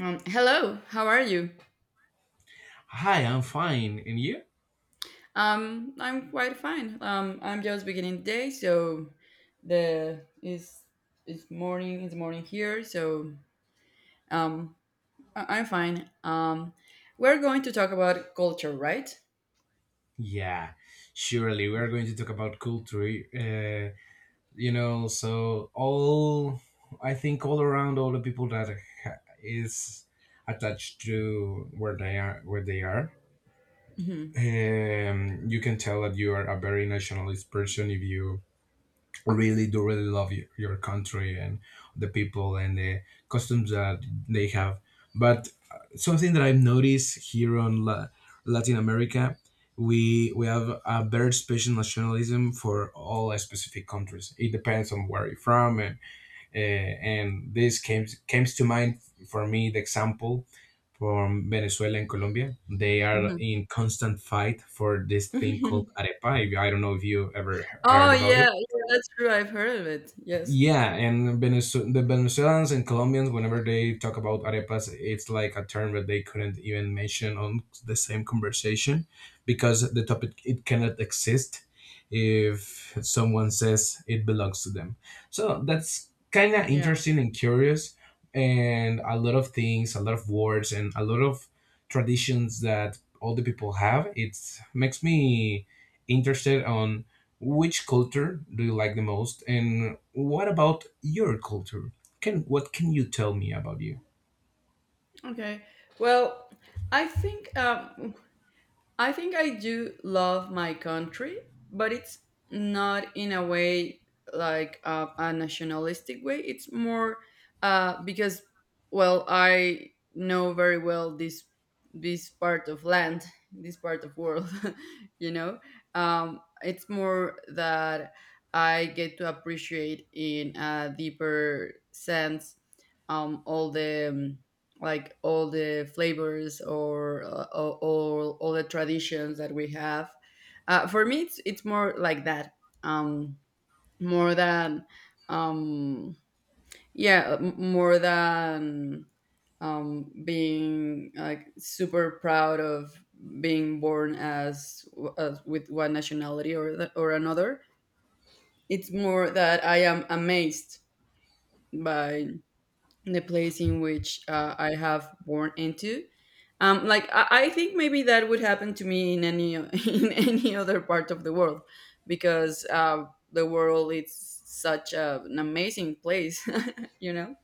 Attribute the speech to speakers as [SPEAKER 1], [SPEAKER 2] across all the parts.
[SPEAKER 1] Hello, how are you?
[SPEAKER 2] Hi, I'm fine. And you?
[SPEAKER 1] I'm quite fine. I'm just beginning the day, so the is it's morning. It's morning here, so um, I'm fine. We're going to talk about culture, right?
[SPEAKER 2] Yeah, surely we are going to talk about culture. You know, so all I think all around all the people that is attached to where they are, where they are.
[SPEAKER 1] hmm
[SPEAKER 2] You can tell that you are a very nationalist person if you really do really love your country and the people and the customs that they have. But something that I've noticed here on Latin America, we have a very special nationalism for all specific countries. It depends on where you're from, and this came to mind for me the example from Venezuela and Colombia. They are
[SPEAKER 1] hmm
[SPEAKER 2] in constant fight for this thing called arepa. I don't know if you ever
[SPEAKER 1] oh
[SPEAKER 2] heard about it.
[SPEAKER 1] yeah, yeah, that's true. I've heard of it. Yes.
[SPEAKER 2] Yeah, and the Venezuelans and Colombians, whenever they talk about arepas, it's like a term that they couldn't even mention on the same conversation because the topic it cannot exist if someone says it belongs to them. So that's kind of
[SPEAKER 1] Yeah.
[SPEAKER 2] interesting and curious, and a lot of things, a lot of words, and a lot of traditions that all the people have. It makes me interested on which culture do you like the most, and what about your culture? Can what can you tell me about you?
[SPEAKER 1] Okay. Well, I think. Um, I think I do love my country, but it's not in a way like a nationalistic way. It's more because, well, I know very well this part of land, this part of world. You know, it's more that I get to appreciate in a deeper sense all the like all the flavors or all the traditions that we have. For me, it's more like that, um, more than um, more than being like super proud of being born as with one nationality or or another. It's more that I am amazed by the place in which I have born into. Like I think maybe that would happen to me in any in any other part of the world, because the world is such an amazing place, you know.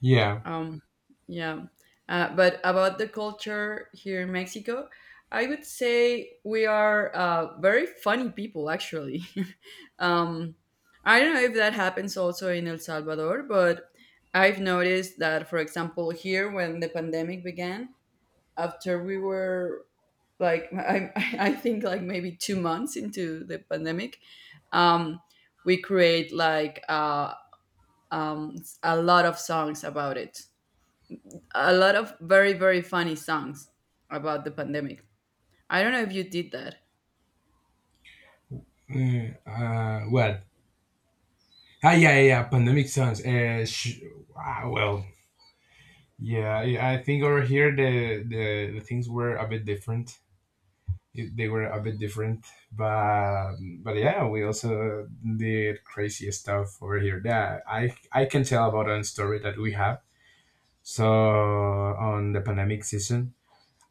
[SPEAKER 2] Yeah.
[SPEAKER 1] Um, yeah. But about the culture here in Mexico, I would say we are very funny people, actually. um, I don't know if that happens also in El Salvador, but I've noticed that, for example, here when the pandemic began, after we were like, I think like maybe 2 months into the pandemic, um, we create like um, a lot of songs about it, a lot of very very funny songs about the pandemic. I don't know if you did that.
[SPEAKER 2] What? Ah, yeah, yeah, yeah. Pandemic sounds. Well, yeah. I think over here the things were a bit different. They were a bit different, but but yeah, we also did crazy stuff over here. Yeah, I can tell about a story that we have. So on the pandemic season,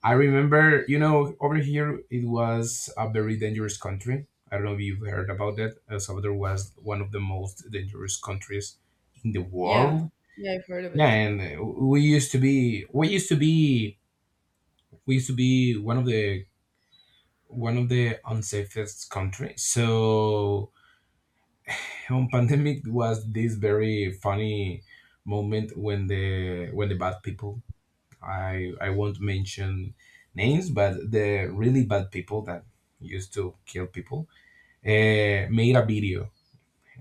[SPEAKER 2] I remember, you know, over here it was a very dangerous country. I don't know if you've heard about that. El Salvador was one of the most dangerous countries in the
[SPEAKER 1] Yeah,
[SPEAKER 2] world.
[SPEAKER 1] yeah, I've heard of
[SPEAKER 2] Yeah,
[SPEAKER 1] it.
[SPEAKER 2] and we used to be one of the unsafest countries. So on pandemic was this very funny moment when the bad people, I won't mention names, but the really bad people that used to kill people made a video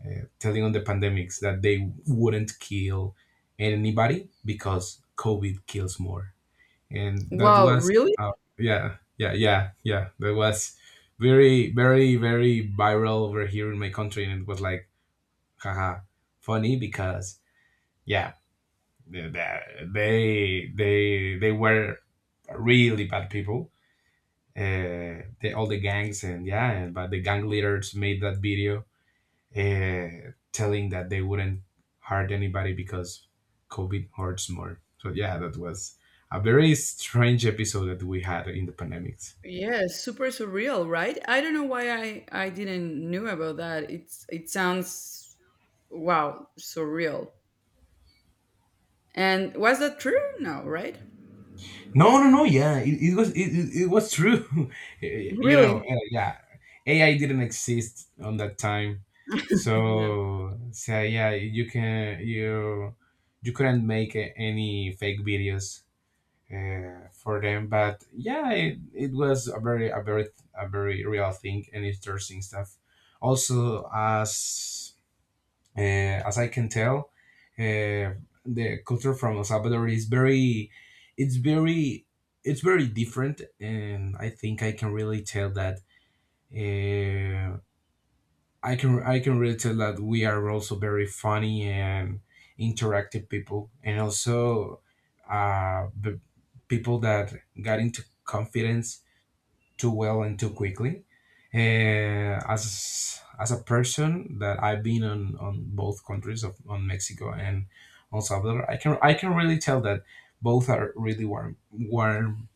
[SPEAKER 2] telling on the pandemics that they wouldn't kill anybody because COVID kills more, and that
[SPEAKER 1] Wow,
[SPEAKER 2] was
[SPEAKER 1] really?
[SPEAKER 2] uh, yeah, that was very, very, very viral over here in my country, and it was like haha funny because yeah they were really bad people. They, all the gangs and yeah, and, but the gang leaders made that video telling that they wouldn't hurt anybody because COVID hurts more. So yeah, that was a very strange episode that we had in the pandemics.
[SPEAKER 1] Yeah, super surreal, right? I don't know why I didn't knew about that. It's it sounds wow surreal. And was that true? No, right?
[SPEAKER 2] No, no, no. Yeah, it was true.
[SPEAKER 1] Really?
[SPEAKER 2] Yeah, AI didn't exist on that time,
[SPEAKER 1] Yeah.
[SPEAKER 2] so so yeah, you can you you couldn't make any fake videos for them. But yeah, it was a very real thing and interesting stuff. Also, as I can tell, uh, the culture from El Salvador is it's very, it's very different, and I think I can really tell that. Uh, I can really tell that we are also very funny and interactive people, and also the people that got into confidence too well and too quickly. As a person that I've been on both countries of on Mexico and El Salvador, I can really tell that both are really warm warm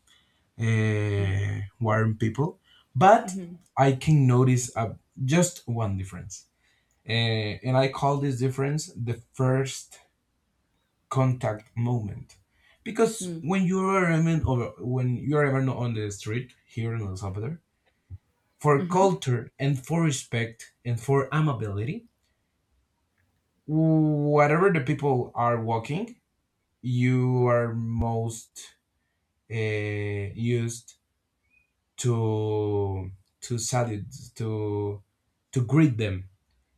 [SPEAKER 2] uh, warm people, but
[SPEAKER 1] Hmm.
[SPEAKER 2] I can notice a, just one difference, uh, and I call this difference the first contact moment because when you are even over when you are even on the street here in El Salvador, for
[SPEAKER 1] Mm-hmm.
[SPEAKER 2] culture and for respect and for amability, whatever the people are walking, you are most used to to salute to greet them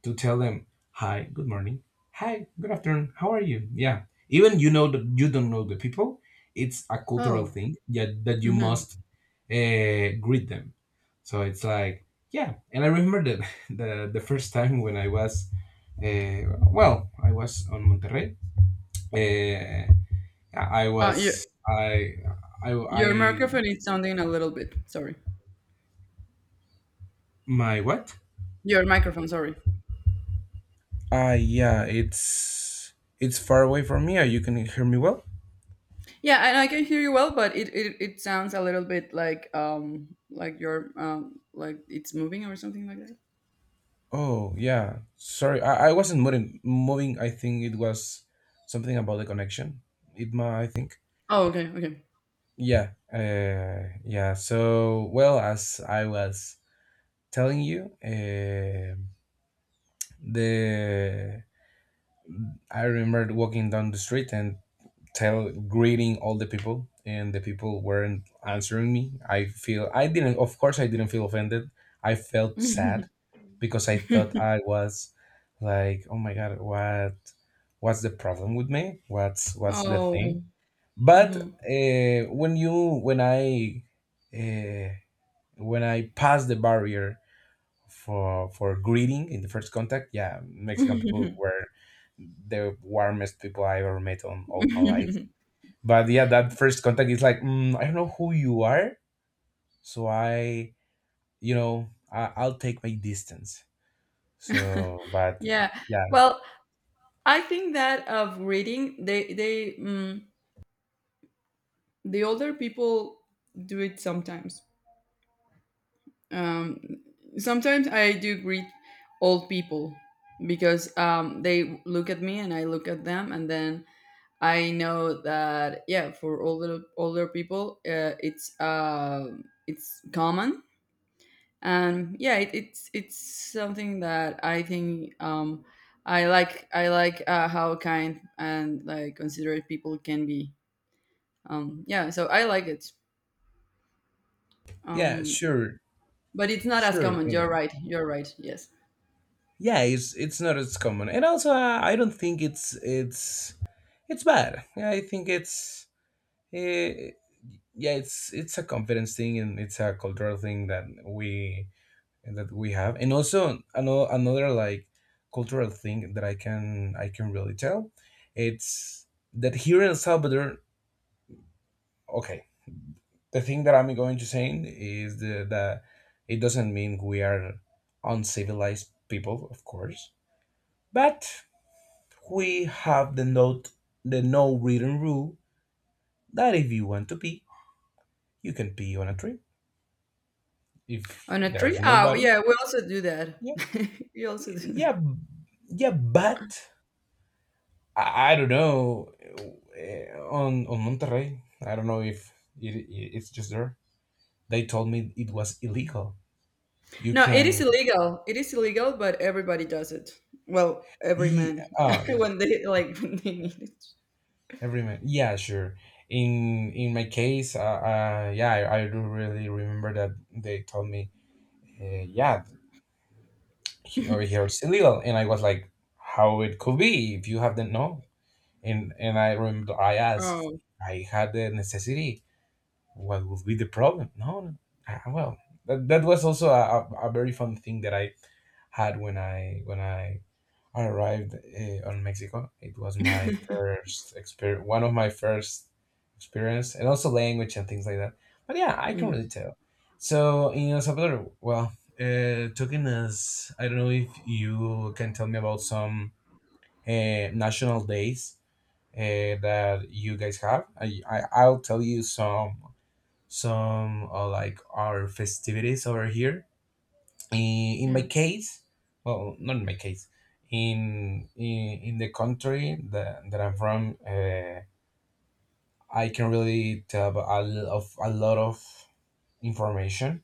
[SPEAKER 2] to tell them hi, good morning, hi, good afternoon, how are you, yeah, even you know that you don't know the people, it's a cultural
[SPEAKER 1] Oh.
[SPEAKER 2] thing, yeah, that you
[SPEAKER 1] Mm-hmm.
[SPEAKER 2] must greet them. So it's like, yeah. And I remember that the first time when uh, well, I was on Monterrey. Uh, I
[SPEAKER 1] Uh, your
[SPEAKER 2] was,
[SPEAKER 1] your
[SPEAKER 2] I,
[SPEAKER 1] microphone is sounding a little bit. Sorry.
[SPEAKER 2] my what?
[SPEAKER 1] Your microphone. Sorry.
[SPEAKER 2] Ah, yeah, it's far away from me. You can hear me well?
[SPEAKER 1] Yeah, and I can hear you well, but it sounds a little bit like you're like it's moving or something like that.
[SPEAKER 2] Oh, yeah. Sorry, I wasn't moving. I think it was something about the connection. It ma, I think.
[SPEAKER 1] Oh, okay, okay.
[SPEAKER 2] Yeah. Yeah. So, well, as I was telling you. The I remember walking down the street and tell greeting all the people, and the people weren't answering me. I feel I didn't. Of course, I didn't feel offended. I felt sad because I thought I was like, oh my god, what? What's the problem with me? What's the thing?
[SPEAKER 1] Oh.
[SPEAKER 2] But
[SPEAKER 1] Mhm.
[SPEAKER 2] when I uh, when I passed the barrier for greeting in the first contact. Yeah, Mexican people were the warmest people I ever met on all my life. But yeah, that first contact is like, mm, I don't know who you are, so I, you know, I, I'll take my distance. So, but
[SPEAKER 1] Yeah.
[SPEAKER 2] yeah,
[SPEAKER 1] Well, I think that of reading, the older people do it sometimes. Um, Sometimes I do greet old people because they look at me and I look at them, and then I know that yeah, for older people, it's common, and yeah, it's something that I think I like. I like how kind and like considerate people can be. Yeah, so I like it.
[SPEAKER 2] yeah,
[SPEAKER 1] Um,
[SPEAKER 2] sure,
[SPEAKER 1] but it's not as
[SPEAKER 2] sure,
[SPEAKER 1] common. You're
[SPEAKER 2] yeah,
[SPEAKER 1] right. You're right. Yes.
[SPEAKER 2] yeah. It's not as common, and also I don't think it's it's bad. Yeah, I think it's. Eh, yeah, it's a confidence thing and it's a cultural thing that we have. And also another like cultural thing that i can really tell, it's that here in el salvador, okay, the thing that I'm going to say is that it doesn't mean we are uncivilized people, of course, but we have the no written rule, that if you want to pee, you can pee on a tree if
[SPEAKER 1] On a
[SPEAKER 2] there's
[SPEAKER 1] tree? Oh,
[SPEAKER 2] nobody.
[SPEAKER 1] yeah. We also do that.
[SPEAKER 2] Yeah,
[SPEAKER 1] We also do
[SPEAKER 2] yeah, yeah, but I don't know, on monterrey I don't know if it's just there they told me it was illegal. You
[SPEAKER 1] No, it
[SPEAKER 2] can
[SPEAKER 1] is illegal. It is illegal, but everybody does it. Well, every
[SPEAKER 2] e-
[SPEAKER 1] man
[SPEAKER 2] uh,
[SPEAKER 1] when they like when they need it.
[SPEAKER 2] every man, yeah, sure. In my case yeah, I do really remember that they told me yeah, over here it's illegal, and I was like, how it could be if you have the no? And and I remember I asked,
[SPEAKER 1] Oh.
[SPEAKER 2] I had the necessity, what would be the problem? No, no. Ah, well, that, that was also a very fun thing that I had when I arrived on Mexico. It was my first experience, one of my first experience, and also language and things like that. But yeah, I can
[SPEAKER 1] Mm,
[SPEAKER 2] really tell. So in El Salvador, well, talking, as I don't know if you can tell me about some national days uh, that you guys have. I I'll tell you some like our festivities over here. In my
[SPEAKER 1] yeah.
[SPEAKER 2] case, well, not in my case, in the country that, that I'm from, I can really tell about a lot of information.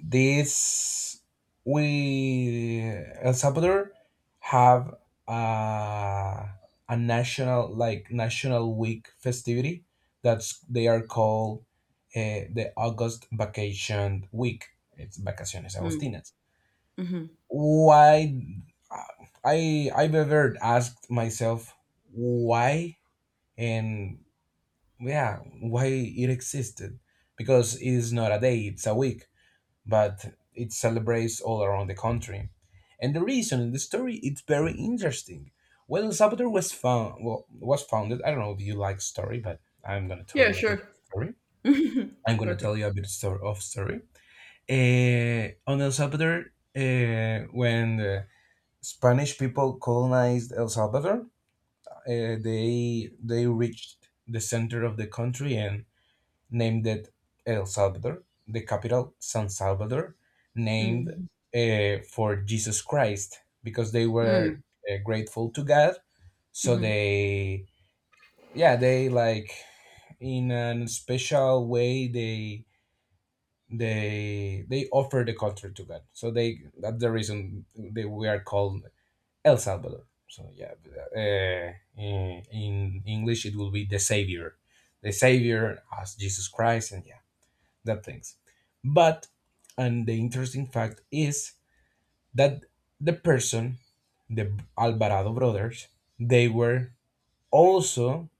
[SPEAKER 2] This we El Salvador have uh, a national like national week festivity, that's they are called the August vacation week. It's vacaciones
[SPEAKER 1] Mm,
[SPEAKER 2] agostinas.
[SPEAKER 1] mhm.
[SPEAKER 2] Why? I I've ever asked myself why, and yeah, why it existed, because it's not a day, it's a week, but it celebrates all around the country. And the reason in the story it's very interesting. When El Salvador was well, was founded. I don't know if you like story, but I'm gonna tell
[SPEAKER 1] Yeah,
[SPEAKER 2] you a bit of
[SPEAKER 1] sure.
[SPEAKER 2] story. I'm gonna tell
[SPEAKER 1] Perfect.
[SPEAKER 2] you a bit of story. On El Salvador, when the Spanish people colonized El Salvador, uh, they reached the center of the country and named it El Salvador, the capital, San Salvador, named
[SPEAKER 1] Mm,
[SPEAKER 2] for Jesus Christ because they were
[SPEAKER 1] mm,
[SPEAKER 2] grateful to God. So
[SPEAKER 1] mhm.
[SPEAKER 2] they, yeah, they like in a special way they they offer the country to God. So they that's the reason they we are called El Salvador. So yeah, uh, in English it will be the Savior as Jesus Christ, and yeah, that things. But and the interesting fact is that the person, the Alvarado brothers, they were also,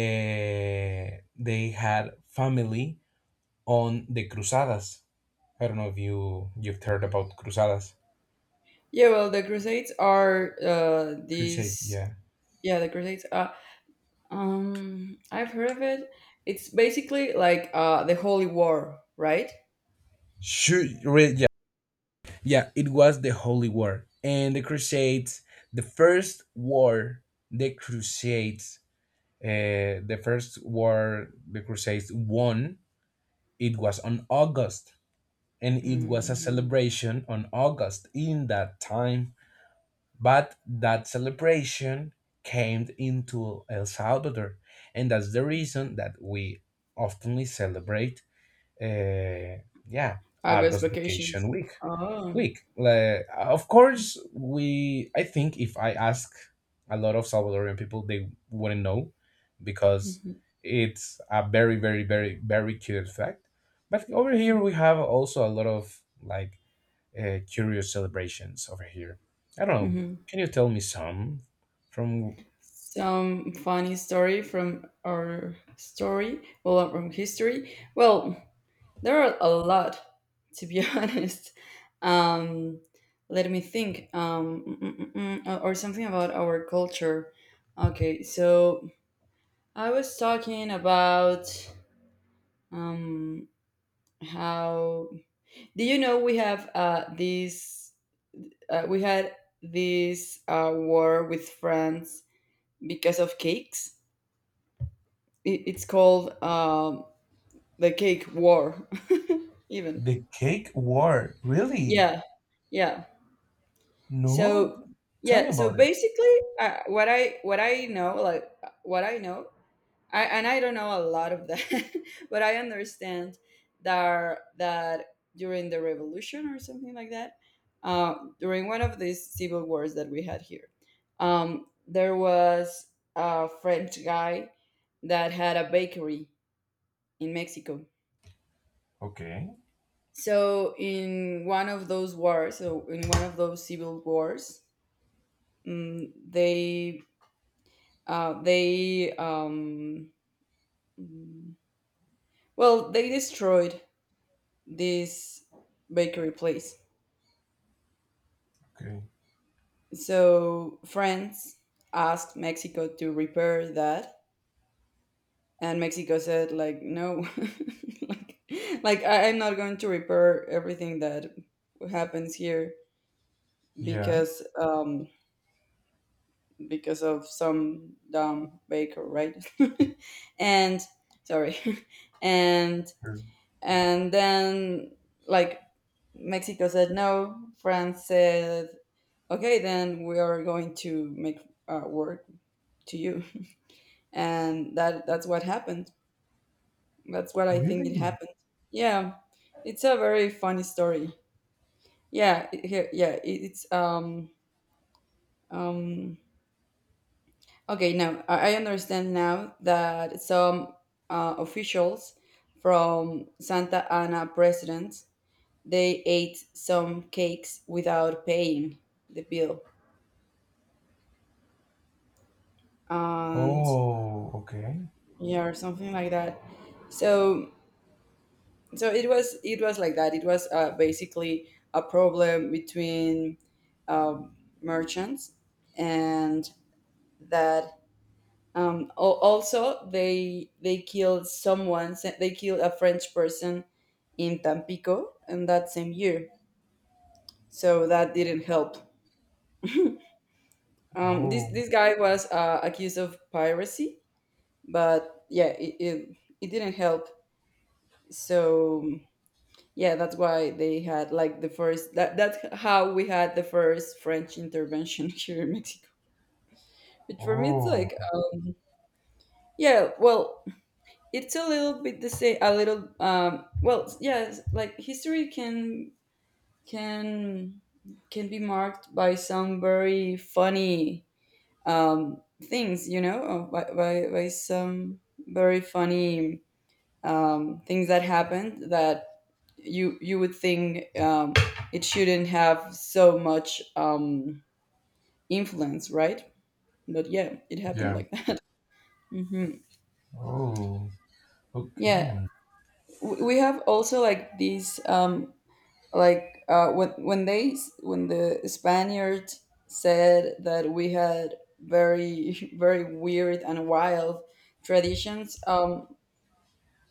[SPEAKER 2] they had family on the Cruzadas. I don't know if you've heard about Cruzadas.
[SPEAKER 1] Yeah, well, the Crusades are
[SPEAKER 2] Crusades,
[SPEAKER 1] these
[SPEAKER 2] yeah.
[SPEAKER 1] yeah, the Crusades are I've heard of it. It's basically like the Holy War, right?
[SPEAKER 2] Sure, yeah, yeah. It was the Holy War and the Crusades. The first war, the Crusades the first war the Crusades won, it was on August, and it was a
[SPEAKER 1] Mm,
[SPEAKER 2] celebration on August in that time. But that celebration came into El Salvador, and that's the reason that we oftenly celebrate, uh, yeah,
[SPEAKER 1] August
[SPEAKER 2] August
[SPEAKER 1] vacations.
[SPEAKER 2] Vacation Week
[SPEAKER 1] Oh.
[SPEAKER 2] weak. Like, of course, we. I think if I ask a lot of Salvadorian people, they wouldn't know because it's a very, very, very, very curious fact. But over here, we have also a lot of curious celebrations over here. I don't know.
[SPEAKER 1] Hmm.
[SPEAKER 2] Can you tell me some from?
[SPEAKER 1] Some funny story from our story, well, from history, well, there are a lot, to be honest. um Let me think. Or something about our culture. Okay, so I was talking about um how, do you know we have this we had this war with France because of cakes. It, it's called the cake war. Even
[SPEAKER 2] The cake war, really?
[SPEAKER 1] yeah, yeah. So
[SPEAKER 2] No, tell me
[SPEAKER 1] yeah, so
[SPEAKER 2] about it.
[SPEAKER 1] basically what I, what I know like what I know I, and I don't know a lot of that, but I understand that during the revolution or something like that, uh, during one of these civil wars that we had here, there was a French guy that had a bakery in Mexico.
[SPEAKER 2] Okay,
[SPEAKER 1] So in one of those wars, so in one of those civil wars, mm, they they mm, well, they destroyed this bakery place.
[SPEAKER 2] okay,
[SPEAKER 1] So France asked Mexico to repair that, and Mexico said like no, like like I- I'm not going to repair everything that happens here
[SPEAKER 2] yeah,
[SPEAKER 1] because um, because of some dumb baker, right? And sorry, and
[SPEAKER 2] sure.
[SPEAKER 1] and then like Mexico said no, France said okay, then we are going to make work to you, and that that's what happened. That's what I think it
[SPEAKER 2] Really?
[SPEAKER 1] happened. Yeah, it's a very funny story. Yeah, it, it's um Okay, now I understand now that some officials from Santa Ana presidents they ate some cakes without paying the bill, and
[SPEAKER 2] Oh, okay.
[SPEAKER 1] yeah, or something like that. So, so it was like that. It was basically a problem between um, merchants, and that also, they killed someone. They killed a French person in Tampico, and that same year. So that didn't help. This this
[SPEAKER 2] Oh,
[SPEAKER 1] guy was accused of piracy, but yeah, it didn't help. So yeah, that's why they had like the first. That that's how we had the first French intervention here in Mexico. But for me, it's like
[SPEAKER 2] oh,
[SPEAKER 1] yeah, well, it's a little bit the same, a little well, yes, like history can can can be marked by some very funny things, you know, by some very funny things that happened that you would think it shouldn't have so much influence, right? But yeah, it happened
[SPEAKER 2] yeah.
[SPEAKER 1] like that. Hmm.
[SPEAKER 2] Oh,
[SPEAKER 1] Yeah,
[SPEAKER 2] okay,
[SPEAKER 1] we have also like these like when the Spaniards said that we had very very weird and wild traditions.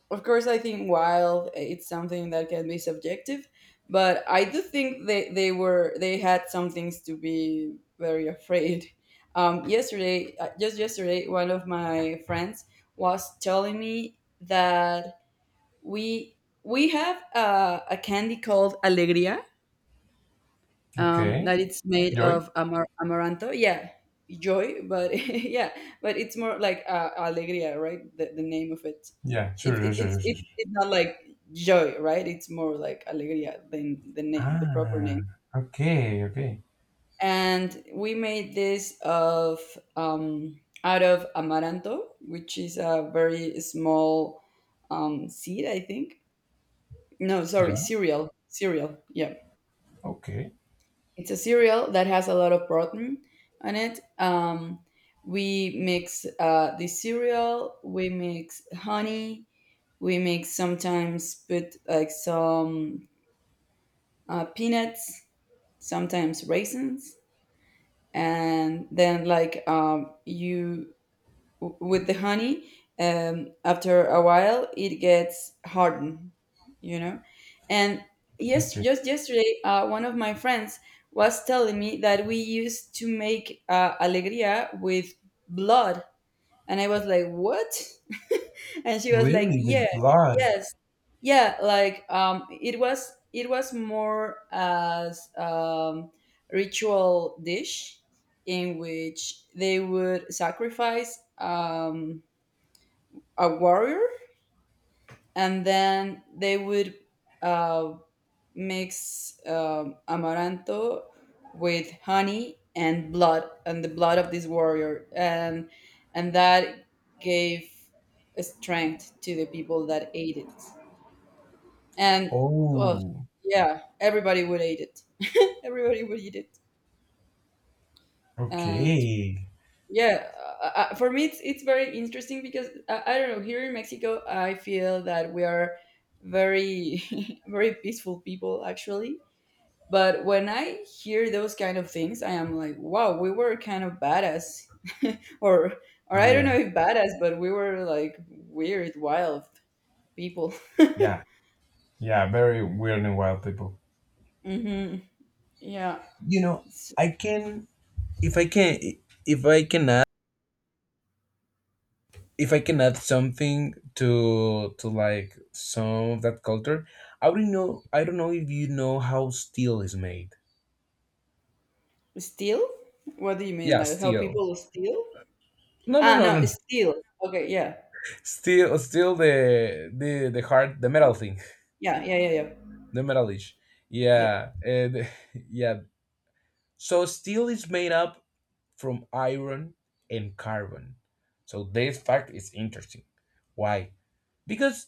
[SPEAKER 1] Of course, I think wild it's something that can be subjective, but I do think they were they had some things to be very afraid. Yesterday, just yesterday, one of my friends was telling me that we we have a candy called alegria,
[SPEAKER 2] okay.
[SPEAKER 1] that it's made
[SPEAKER 2] Joy?
[SPEAKER 1] of amaranto. Yeah, joy, but yeah, but it's more like alegría, right? The name of it.
[SPEAKER 2] Yeah, sure, sure,
[SPEAKER 1] It's
[SPEAKER 2] sure, sure,
[SPEAKER 1] it's
[SPEAKER 2] sure.
[SPEAKER 1] it's not like joy, right? It's more like alegría than the name, the proper
[SPEAKER 2] Ah,
[SPEAKER 1] name.
[SPEAKER 2] okay, okay.
[SPEAKER 1] And we made this of out of amaranto, which is a very small seed, I think. No, sorry,
[SPEAKER 2] Yeah,
[SPEAKER 1] cereal, cereal. Yeah.
[SPEAKER 2] okay,
[SPEAKER 1] It's a cereal that has a lot of protein on it. We mix the cereal, we mix honey, we mix sometimes put like some peanuts, sometimes raisins, and then like you with the honey after a while it gets hardened, you know. And yes,
[SPEAKER 2] okay.
[SPEAKER 1] just yesterday one of my friends was telling me that we used to make alegria with blood. And I was like, what? And she was like,
[SPEAKER 2] Really,
[SPEAKER 1] yeah,
[SPEAKER 2] with blood?
[SPEAKER 1] yes, yeah. Like, it was more as ritual dish in which they would sacrifice a warrior, and then they would uh, mix amaranto with honey and blood, and the blood of this warrior, and that gave strength to the people that ate it. And well,
[SPEAKER 2] Oh,
[SPEAKER 1] yeah, everybody would eat it. Everybody would eat it. And
[SPEAKER 2] okay.
[SPEAKER 1] yeah, for me it's very interesting because I don't know, here in Mexico I feel that we are very very peaceful people, actually. But when I hear those kind of things, I am like, wow, we were kind of badass. Or or I don't
[SPEAKER 2] Yeah,
[SPEAKER 1] know if badass, but we were like weird, wild people.
[SPEAKER 2] yeah, yeah. Very weird and wild people.
[SPEAKER 1] Hmm. Yeah.
[SPEAKER 2] You know,
[SPEAKER 1] S-
[SPEAKER 2] I can, if I can, if I can if I can add something to like some of that culture, I wouldn't know. I don't know if you know how steel is made.
[SPEAKER 1] Steal? What do you mean?
[SPEAKER 2] Yeah,
[SPEAKER 1] Like how
[SPEAKER 2] steel.
[SPEAKER 1] people steal?
[SPEAKER 2] No, no,
[SPEAKER 1] Ah,
[SPEAKER 2] no, no.
[SPEAKER 1] no, steal. Okay, yeah.
[SPEAKER 2] Steel, steel. The hard, the metal thing,
[SPEAKER 1] Yeah, yeah, yeah, yeah.
[SPEAKER 2] the metalish.
[SPEAKER 1] Yep.
[SPEAKER 2] Yeah, and yeah. So steel is made up from iron and carbon. So this fact is interesting. Why? Because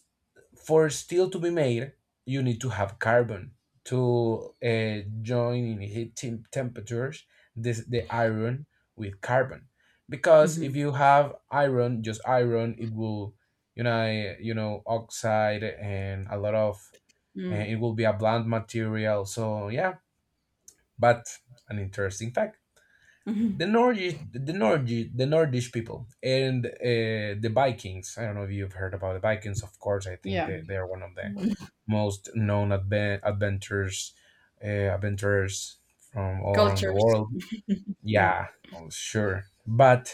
[SPEAKER 2] for steel to be made you need to have carbon to join in heat temperatures this the iron with carbon, because
[SPEAKER 1] Hmm.
[SPEAKER 2] if you have iron, just iron, it will, you know, oxide and a lot of, and
[SPEAKER 1] Mm-hmm.
[SPEAKER 2] it will be a bland material. So yeah, but an interesting fact,
[SPEAKER 1] Mm-hmm.
[SPEAKER 2] the Nordic people, and the Vikings. I don't know if you've heard about the Vikings. Of course, I think
[SPEAKER 1] Yeah.
[SPEAKER 2] they are one of the most known adventures, uh, adventurers from all around the
[SPEAKER 1] Cultures.
[SPEAKER 2] world.
[SPEAKER 1] Yeah.
[SPEAKER 2] Yeah, oh, sure. But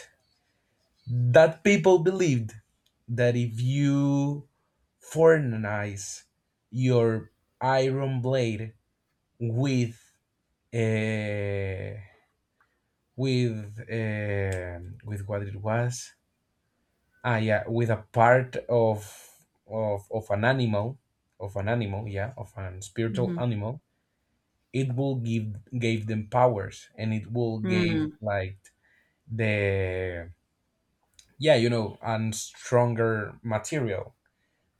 [SPEAKER 2] that people believed that if you foreignize your iron blade with uh, with uh, with what it was. Ah, yeah, with a part of of an animal, of an animal, yeah, of an spiritual
[SPEAKER 1] Mm-hmm.
[SPEAKER 2] animal. It will give gave them powers, and it will give
[SPEAKER 1] Mm.
[SPEAKER 2] like the, yeah, you know, an stronger material,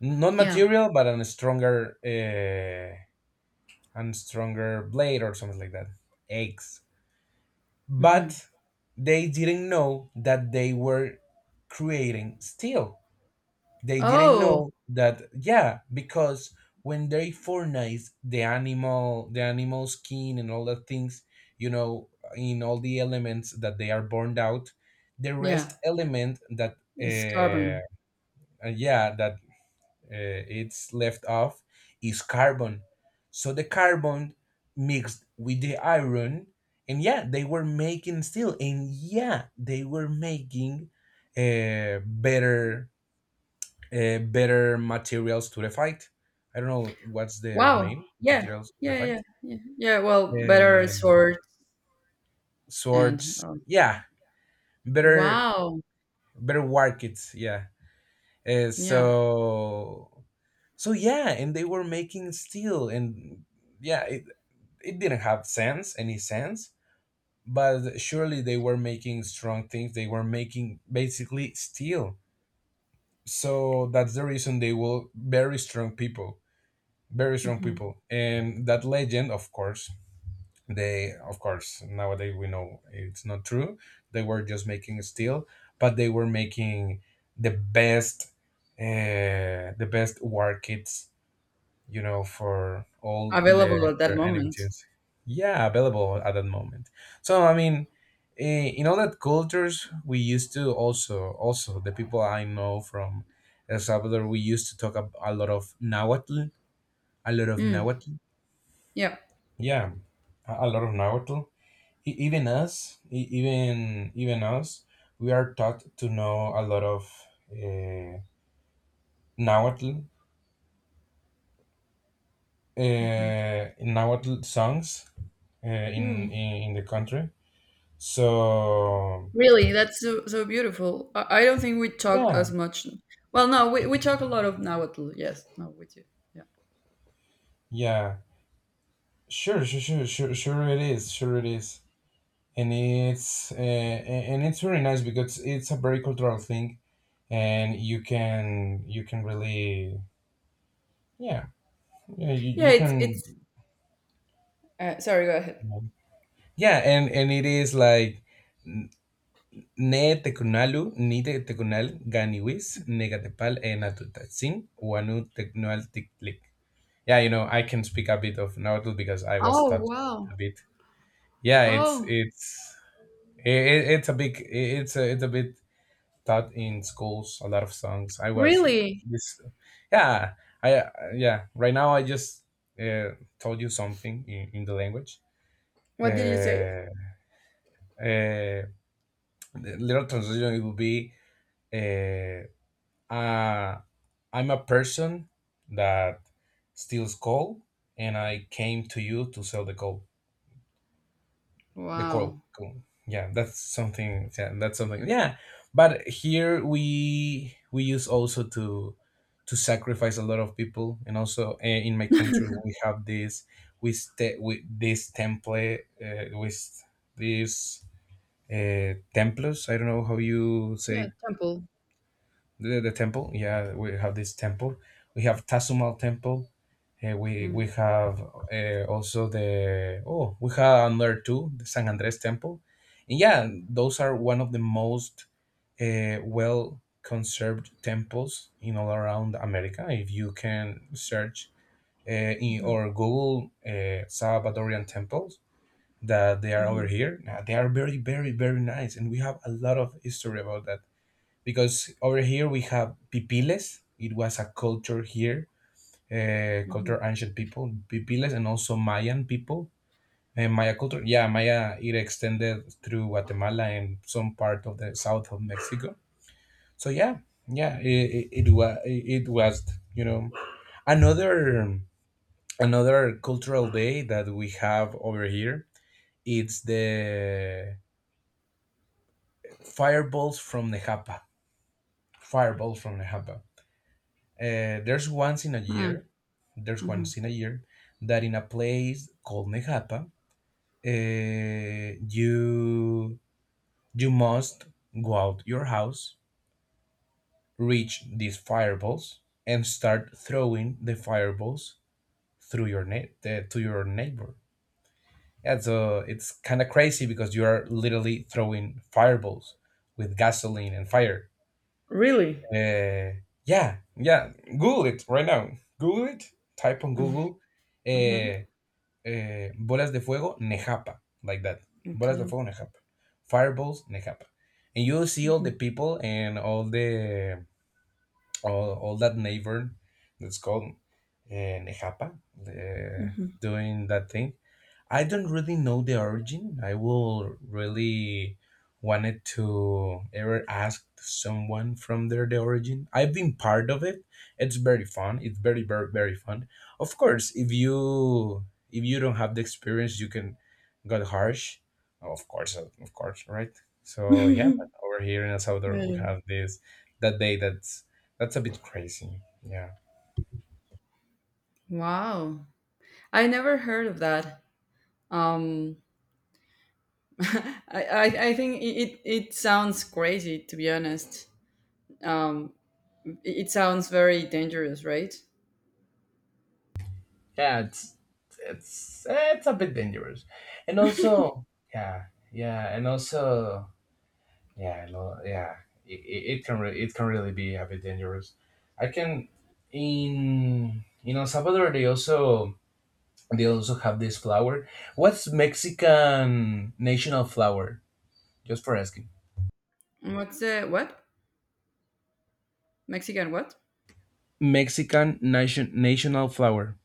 [SPEAKER 2] not
[SPEAKER 1] Yeah.
[SPEAKER 2] material, but an stronger blade or something like that. Eggs,
[SPEAKER 1] Hmm.
[SPEAKER 2] but they didn't know that they were creating steel. They didn't
[SPEAKER 1] Oh,
[SPEAKER 2] know that, yeah, because when they furnace the animal, the animal skin and all the things, you know, in all the elements that they are burned out, the rest
[SPEAKER 1] yeah.
[SPEAKER 2] element that
[SPEAKER 1] It's
[SPEAKER 2] uh,
[SPEAKER 1] carbon.
[SPEAKER 2] yeah, that it's left off is carbon. So the carbon mixed with the iron, and yeah, they were making steel, and yeah, they were making better better materials to the fight. I don't know what's their
[SPEAKER 1] Wow.
[SPEAKER 2] name,
[SPEAKER 1] Yeah.
[SPEAKER 2] materials to the
[SPEAKER 1] Yeah. Yeah.
[SPEAKER 2] fight.
[SPEAKER 1] Yeah. Yeah. Well, better
[SPEAKER 2] Uh,
[SPEAKER 1] sword and
[SPEAKER 2] swords, yeah, better,
[SPEAKER 1] wow.
[SPEAKER 2] better war kits, yeah.
[SPEAKER 1] Yeah.
[SPEAKER 2] So so yeah, and they were making steel, and yeah, it didn't have sense, any sense, but surely they were making strong things. They were making basically steel. So that's the reason they were very strong people, very strong
[SPEAKER 1] Hmm.
[SPEAKER 2] people, and that legend, of course, they, of course, nowadays we know it's not true. They were just making steel, but they were making the best the best war kits, you know, for all the
[SPEAKER 1] Available at that
[SPEAKER 2] their enemy
[SPEAKER 1] moment.
[SPEAKER 2] teams. Yeah, available at that moment. So I mean, eh, in all that cultures, we used to also, also the people I know from El Salvador, we used to talk a lot of Nahuatl, a lot of
[SPEAKER 1] Mm.
[SPEAKER 2] Nahuatl.
[SPEAKER 1] Yeah.
[SPEAKER 2] Yeah, a lot of Nahuatl. Even us, even us, we are taught to know a lot of uh, Nahuatl,
[SPEAKER 1] Hmm.
[SPEAKER 2] Nahuatl songs. Uh,
[SPEAKER 1] Mm.
[SPEAKER 2] in the country. So
[SPEAKER 1] Really, that's so, so beautiful. I don't think we talk
[SPEAKER 2] yeah,
[SPEAKER 1] as much. Well, no, we talk a lot of Nahuatl. Yes. No, we do. Yeah.
[SPEAKER 2] yeah, sure, sure, sure, sure, sure it is, and it's and it's very nice because it's a very cultural thing, and you can really, yeah, yeah, you,
[SPEAKER 1] Yeah.
[SPEAKER 2] you
[SPEAKER 1] It's
[SPEAKER 2] can,
[SPEAKER 1] it's. Sorry. Go ahead.
[SPEAKER 2] yeah. And it is like ne tecunalu ni te tecunal ganiwis negatepal enatutatsin wanu tecnual tictlic. Yeah, you know, I can speak a bit of Nahuatl because I was
[SPEAKER 1] Oh
[SPEAKER 2] taught a
[SPEAKER 1] wow.
[SPEAKER 2] bit. Yeah, it's
[SPEAKER 1] Oh
[SPEAKER 2] it's it, it's a big, it's a, it's a bit taught in schools. A lot of songs. I was
[SPEAKER 1] really?
[SPEAKER 2] this. Yeah, I, yeah. Right now, I just uh, told you something in the language.
[SPEAKER 1] What did you say?
[SPEAKER 2] Uh, uh, the little translation it would be uh, uh, I'm a person that steals coal, and I came to you to sell the coal. The coral
[SPEAKER 1] Wow.
[SPEAKER 2] cool. Yeah, that's something, yeah, that's something, yeah. But here we use also to sacrifice a lot of people. And also in my country we have this, we stay with this template with this templates, I don't know how you
[SPEAKER 1] Yeah.
[SPEAKER 2] say,
[SPEAKER 1] Temple.
[SPEAKER 2] the temple. Yeah, we have this temple, we have Tazumal temple. Uh, we
[SPEAKER 1] Mm-hmm.
[SPEAKER 2] have also the, oh, we have another two, the San Andres temple. And yeah, those are one of the most well conserved temples in all around America. If you can search uh,
[SPEAKER 1] Hmm.
[SPEAKER 2] or Google Salvadorian temples, that they are over
[SPEAKER 1] Hmm.
[SPEAKER 2] here. They are very very very nice, and we have a lot of history about that, because over here we have pipiles. It was a culture here,
[SPEAKER 1] Hmm.
[SPEAKER 2] culture, ancient people, pipiles, and also Mayan people. And Maya culture, yeah, Maya, it extended through Guatemala and some part of the south of Mexico. So yeah, yeah, it was, it was, you know, another, another cultural day that we have over here. It's the fireballs from Nejapa. Fireballs from Nejapa. There's once in a year, there's
[SPEAKER 1] Hmm.
[SPEAKER 2] once in a year that in a place called Nejapa, you, you must go out your house, reach these fireballs, and start throwing the fireballs through your to your neighbor. Yeah, so it's kind of crazy because you are literally throwing fireballs with gasoline and fire.
[SPEAKER 1] Really?
[SPEAKER 2] Yeah, yeah. Google it right now. Google it. Type on Google
[SPEAKER 1] Mm-hmm.
[SPEAKER 2] uh, bolas de fuego, Nejapa, like that. Bolas de
[SPEAKER 1] Okay.
[SPEAKER 2] fuego, Nejapa. Fireballs, Nejapa. And you see all the people and all the, all that neighbor that's called Nejapa, uh,
[SPEAKER 1] Mm-hmm.
[SPEAKER 2] doing that thing. I don't really know the origin. I will really wanted to ever ask someone from there the origin. I've been part of it. It's very fun. It's very very very fun. Of course, if you don't have the experience, you can got harsh. Of course, right? So yeah,
[SPEAKER 1] Mm-hmm.
[SPEAKER 2] but over here in El Salvador, we have this that day that's a bit crazy. Yeah.
[SPEAKER 1] Wow. I never heard of that. Um, I think it, it sounds crazy, to be honest. Um, it it sounds very dangerous, right?
[SPEAKER 2] Yeah, it's, eh, it's a bit dangerous, and also yeah, yeah, and also yeah, yeah, it can it can really be a bit dangerous. I can, in El Salvador they also, they also have this flower. What's Mexican national flower, just for asking?
[SPEAKER 1] What's the, what? Mexican what?
[SPEAKER 2] Mexican national flower?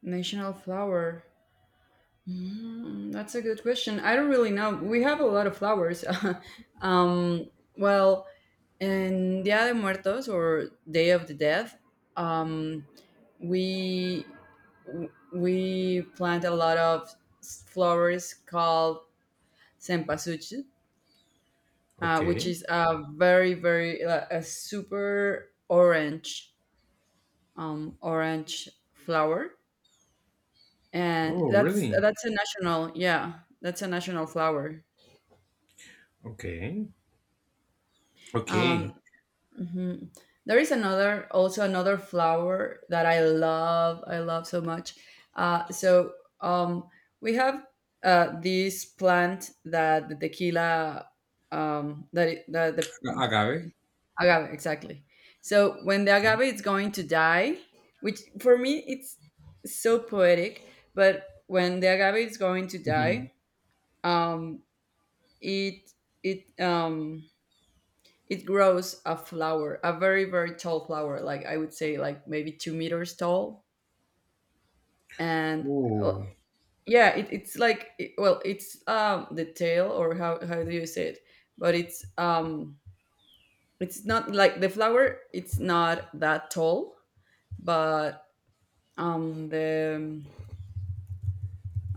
[SPEAKER 1] National flower. Mm, that's a good question. I don't really know. We have a lot of flowers. um, well, in Dia de Muertos or Day of the Dead, um, we we plant a lot of flowers called sempasuchi, which
[SPEAKER 2] Okay.
[SPEAKER 1] is a very a super orange orange flower, and
[SPEAKER 2] Oh,
[SPEAKER 1] that's
[SPEAKER 2] really?
[SPEAKER 1] that's a national, yeah, that's a national flower.
[SPEAKER 2] Okay. Okay.
[SPEAKER 1] Um, mhm. There is another, also another flower that I love. I love so much. Uh, so um, we have this plant that the tequila, that, it, that the
[SPEAKER 2] Agave.
[SPEAKER 1] agave, exactly. So when the agave is going to die, which for me it's so poetic, but when the agave is going to
[SPEAKER 2] Mhm.
[SPEAKER 1] die, um, it it um it grows a flower, a very very tall flower. Like I would say, like maybe 2 meters tall. And uh,
[SPEAKER 2] Oh,
[SPEAKER 1] yeah, it's like well, it's the tail, or how do you say it? But it's not like the flower. It's not that tall, but the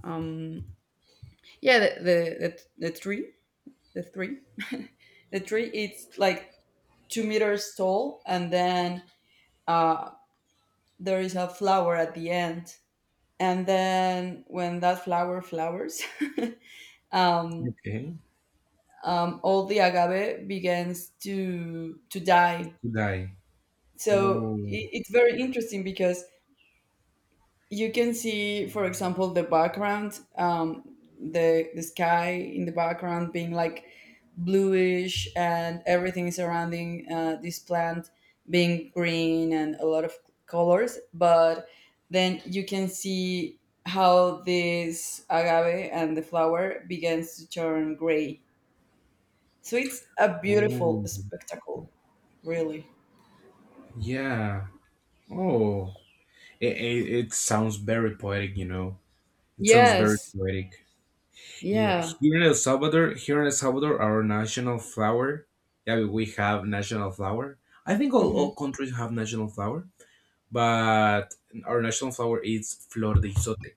[SPEAKER 1] um yeah, the tree, the tree, the tree, it's like 2 meters tall, and then uh there is a flower at the end, and then when that flower flowers, um,
[SPEAKER 2] okay.
[SPEAKER 1] all the agave begins to die.
[SPEAKER 2] Today.
[SPEAKER 1] So
[SPEAKER 2] Oh,
[SPEAKER 1] it's very interesting, because you can see, for example, the background, the sky in the background being like bluish, and everything surrounding this plant being green and a lot of colors. But then you can see how this agave and the flower begins to turn gray. So it's a
[SPEAKER 2] oh,
[SPEAKER 1] beautiful spectacle, really.
[SPEAKER 2] yeah. Oh, it sounds very poetic, you know. It sounds very
[SPEAKER 1] Yes.
[SPEAKER 2] poetic. Yeah,
[SPEAKER 1] Yeah.
[SPEAKER 2] here in El Salvador, here in El Salvador, our national flower. Yeah, we have national flower. I think
[SPEAKER 1] Mm-hmm.
[SPEAKER 2] all countries have national flower, but our national flower is flor de isote.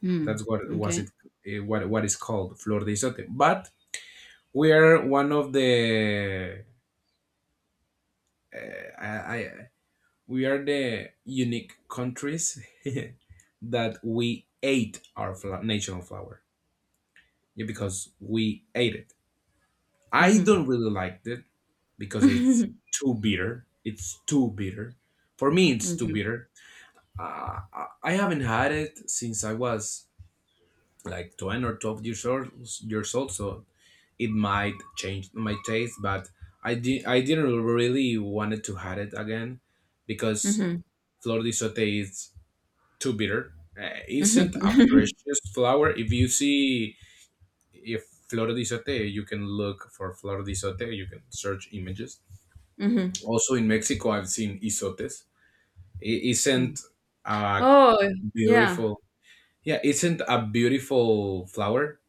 [SPEAKER 1] Hmm.
[SPEAKER 2] That's what was
[SPEAKER 1] Okay.
[SPEAKER 2] it. Eh, what is called flor de isote. But we are one of the uh, I we are the unique countries that we ate our national flower. Yeah, because we ate it. I don't really like it because it's
[SPEAKER 1] Mm-hmm.
[SPEAKER 2] too bitter. It's too bitter. For me, it's too bitter. I haven't had it since I was like 10 or 12 years old, years old, so it might change my taste, but I didn't really wanted to have it again, because
[SPEAKER 1] Mhm.
[SPEAKER 2] flor de sote is too bitter. Isn't a
[SPEAKER 1] Mhm.
[SPEAKER 2] precious flower. If you see if flor de isote, you can look for flor de isote. You can search images.
[SPEAKER 1] Mhm.
[SPEAKER 2] Also in Mexico, I've seen isotes.
[SPEAKER 1] Mm.
[SPEAKER 2] Isn't a
[SPEAKER 1] Oh, yeah.
[SPEAKER 2] beautiful, yeah, isn't a beautiful flower,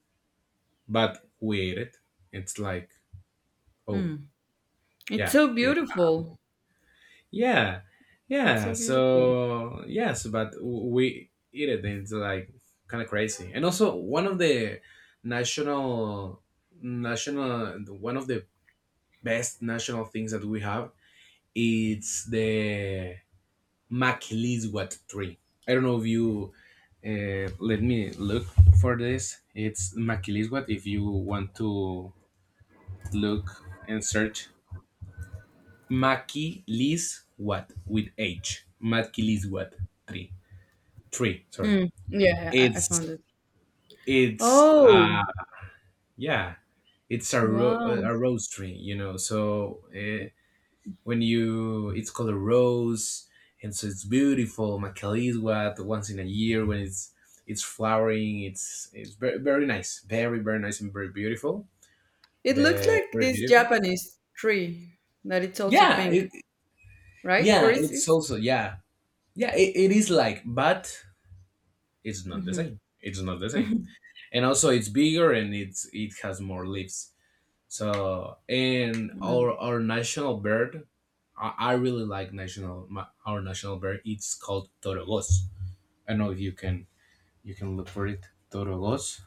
[SPEAKER 2] but we ate it. It's like, oh
[SPEAKER 1] Mm. It's
[SPEAKER 2] yeah,
[SPEAKER 1] so beautiful.
[SPEAKER 2] yeah,
[SPEAKER 1] It's
[SPEAKER 2] yeah.
[SPEAKER 1] so beautiful.
[SPEAKER 2] So yes, but we eat it. And it's like kind of crazy. And also one of the national, national, one of the best national things that we have, it's the Makiliswat tree. I don't know if you let me look for this. It's Makiliswat. If you want to look and search Mackie Liz what with H. Mackie Liz what three, three. Sorry,
[SPEAKER 1] Mm. Yeah, yeah, I
[SPEAKER 2] it's
[SPEAKER 1] found it.
[SPEAKER 2] it's
[SPEAKER 1] Oh,
[SPEAKER 2] yeah, it's a
[SPEAKER 1] wow.
[SPEAKER 2] a rose tree, you know. So when you, it's called a rose, and so it's beautiful. Mackie Lee's what, once in a year when it's flowering. It's very very nice and very beautiful.
[SPEAKER 1] It looks
[SPEAKER 2] Very,
[SPEAKER 1] like
[SPEAKER 2] very
[SPEAKER 1] this
[SPEAKER 2] beautiful.
[SPEAKER 1] Japanese tree that it's also
[SPEAKER 2] Yeah,
[SPEAKER 1] pink,
[SPEAKER 2] it,
[SPEAKER 1] right? Or
[SPEAKER 2] yeah,
[SPEAKER 1] is
[SPEAKER 2] it's
[SPEAKER 1] it?
[SPEAKER 2] also, yeah, yeah. It is like, but it's not the
[SPEAKER 1] Mhm.
[SPEAKER 2] same. It's not the same. And also it's bigger and it's, it has more leaves. So, and
[SPEAKER 1] Mm.
[SPEAKER 2] our national bird, I really like national, my, our national bird. It's called torogos. I know if you can, you can look for it. Torogos.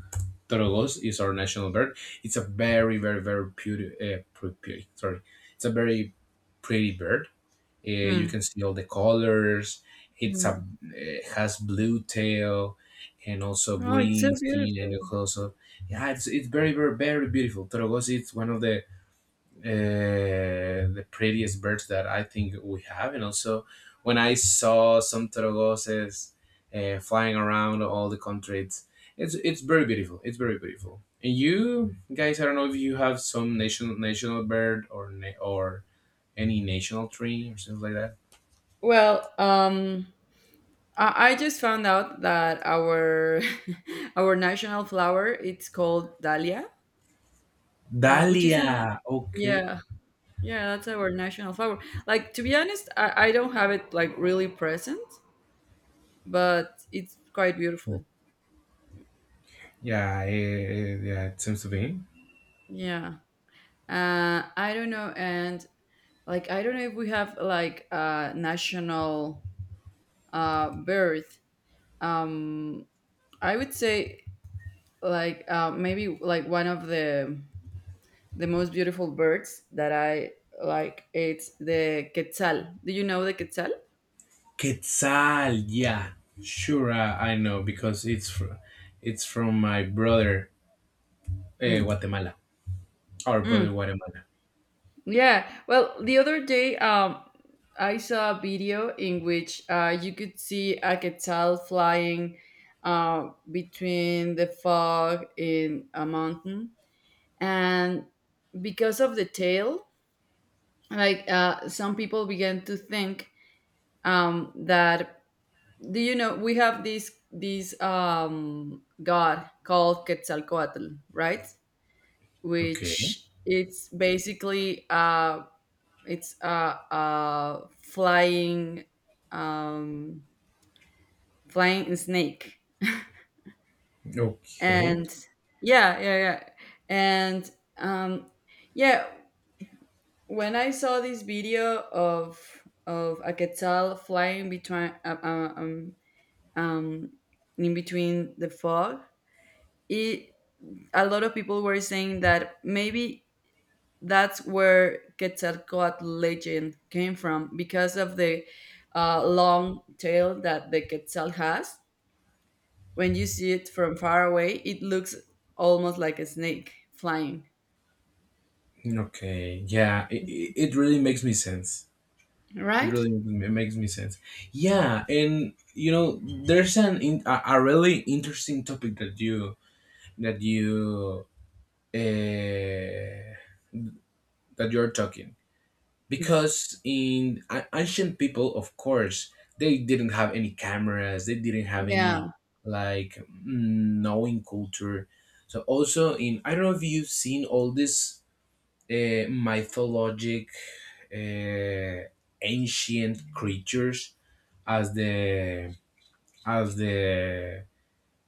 [SPEAKER 2] Torogos is our national bird. It's a very very very pretty, pretty, sorry. It's a very pretty bird. You
[SPEAKER 1] Mm.
[SPEAKER 2] can see all the colors. It's
[SPEAKER 1] Mm.
[SPEAKER 2] a, it has blue tail, and also
[SPEAKER 1] Oh, it's so
[SPEAKER 2] green skin, and
[SPEAKER 1] beautiful.
[SPEAKER 2] also yeah, it's very very very beautiful. Torogos is one of the prettiest birds that I think we have, and also when I saw some torogoses flying around all the country, it's very beautiful. It's very beautiful. And you guys, I don't know if you have some national, national bird or or any national tree or something like that.
[SPEAKER 1] Well, I just found out that our our national flower it's called dahlia, which is an,
[SPEAKER 2] Dalia, okay.
[SPEAKER 1] yeah, yeah, that's our national flower. Like, to be honest, I don't have it like really present, but it's quite beautiful.
[SPEAKER 2] Yeah, eh, yeah, it seems to be.
[SPEAKER 1] Yeah. I don't know, and like I don't know if we have like a national bird. um I would say, like maybe like one of the most beautiful birds that I like, it's the quetzal. Do you know the quetzal?
[SPEAKER 2] Quetzal, yeah. Sure, I know because it's from my brother
[SPEAKER 1] Mm.
[SPEAKER 2] Guatemala, our brother
[SPEAKER 1] Mm.
[SPEAKER 2] Guatemala.
[SPEAKER 1] Yeah. Well, the other day, I saw a video in which you could see a quetzal flying between the fog in a mountain, and because of the tail, like, some people began to think that, do you know we have this god called Quetzalcoatl, right?
[SPEAKER 2] Okay.
[SPEAKER 1] Which it's basically a, it's a flying um, flying snake,
[SPEAKER 2] Okay,
[SPEAKER 1] and yeah, yeah, yeah, and um, yeah. When I saw this video of a quetzal flying between um, in between the fog, it, a lot of people were saying that maybe that's where Quetzalcoatl legend came from, because of the long tail that the Quetzal has. When you see it from far away, it looks almost like a snake flying,
[SPEAKER 2] okay, yeah, it really makes me sense. It
[SPEAKER 1] right?
[SPEAKER 2] really makes me sense. Yeah, and you know, there's a really interesting topic that you that you uh, that you're talking. Because in ancient people, of course, they didn't have any cameras, they didn't have any,
[SPEAKER 1] Yeah,
[SPEAKER 2] like, mm, knowing culture, so also in, I don't know if you've seen all this mythologic uh, ancient creatures as the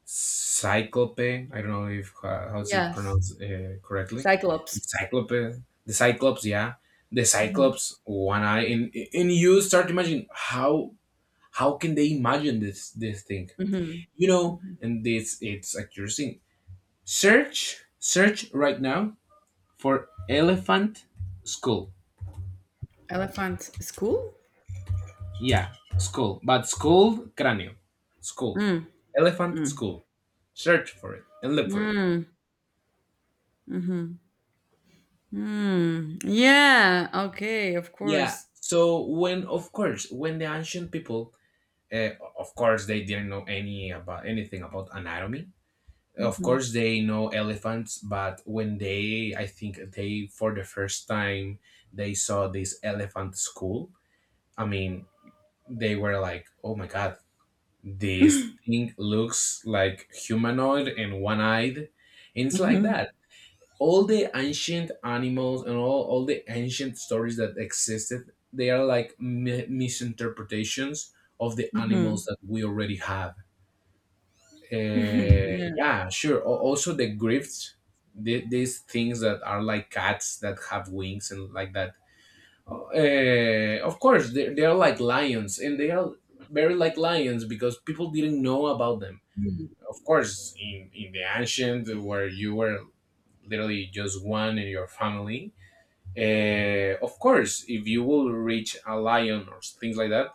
[SPEAKER 2] Cyclope. I don't know if how's it
[SPEAKER 1] yes.
[SPEAKER 2] pronounced correctly.
[SPEAKER 1] Cyclops.
[SPEAKER 2] Cyclope, the Cyclops, yeah, the
[SPEAKER 1] Hmm.
[SPEAKER 2] Cyclops, one eye, and you start to imagine how can they imagine this this thing,
[SPEAKER 1] Hmm.
[SPEAKER 2] you know?
[SPEAKER 1] Hmm.
[SPEAKER 2] And this it's accuracy. Search, search right now for elephant skull.
[SPEAKER 1] Elephant school?
[SPEAKER 2] Yeah, skull, but skull, cráneo, skull,
[SPEAKER 1] Mm,
[SPEAKER 2] elephant
[SPEAKER 1] mm,
[SPEAKER 2] skull. Search for it and look for it.
[SPEAKER 1] mm, hmm, mm. Yeah, okay, of
[SPEAKER 2] Yeah.
[SPEAKER 1] course.
[SPEAKER 2] So when, of course, when the ancient people, uh, of course, they didn't know any about anything about anatomy. Of
[SPEAKER 1] Hmm.
[SPEAKER 2] course, they know elephants, but when they, I think they, for the first time, they saw this elephant skull. I mean, they were like, "Oh my god, this thing looks like humanoid and one-eyed," and it's like
[SPEAKER 1] Hmm.
[SPEAKER 2] that all the ancient animals and all the ancient stories that existed, they are like misinterpretations of the animals
[SPEAKER 1] Hmm.
[SPEAKER 2] that we already have. Uh,
[SPEAKER 1] Yeah.
[SPEAKER 2] yeah, sure. Also the grifts, the, these things that are like cats that have wings and like that, of course they are like lions, and they are very like lions because people didn't know about them. Of course, in the ancient where you were literally just one in your family, of course, if you will reach a lion or things like that,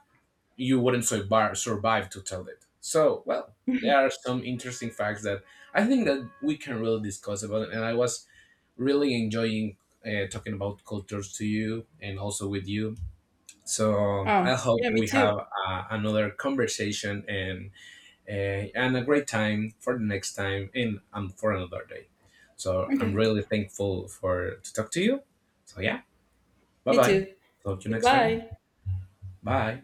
[SPEAKER 2] you wouldn't survive, survive to tell it. So, well, there are some interesting facts that I think that we can really discuss about it. And I was really enjoying talking about cultures to you and also with you. So I
[SPEAKER 1] Oh,
[SPEAKER 2] hope
[SPEAKER 1] yeah, me
[SPEAKER 2] we
[SPEAKER 1] too.
[SPEAKER 2] have another conversation and a great time for the next time and for another day. So I'm
[SPEAKER 1] Okay,
[SPEAKER 2] really thankful for to talk to you. So yeah. Bye
[SPEAKER 1] me
[SPEAKER 2] bye.
[SPEAKER 1] too.
[SPEAKER 2] Talk to you next time.
[SPEAKER 1] Goodbye.
[SPEAKER 2] Bye.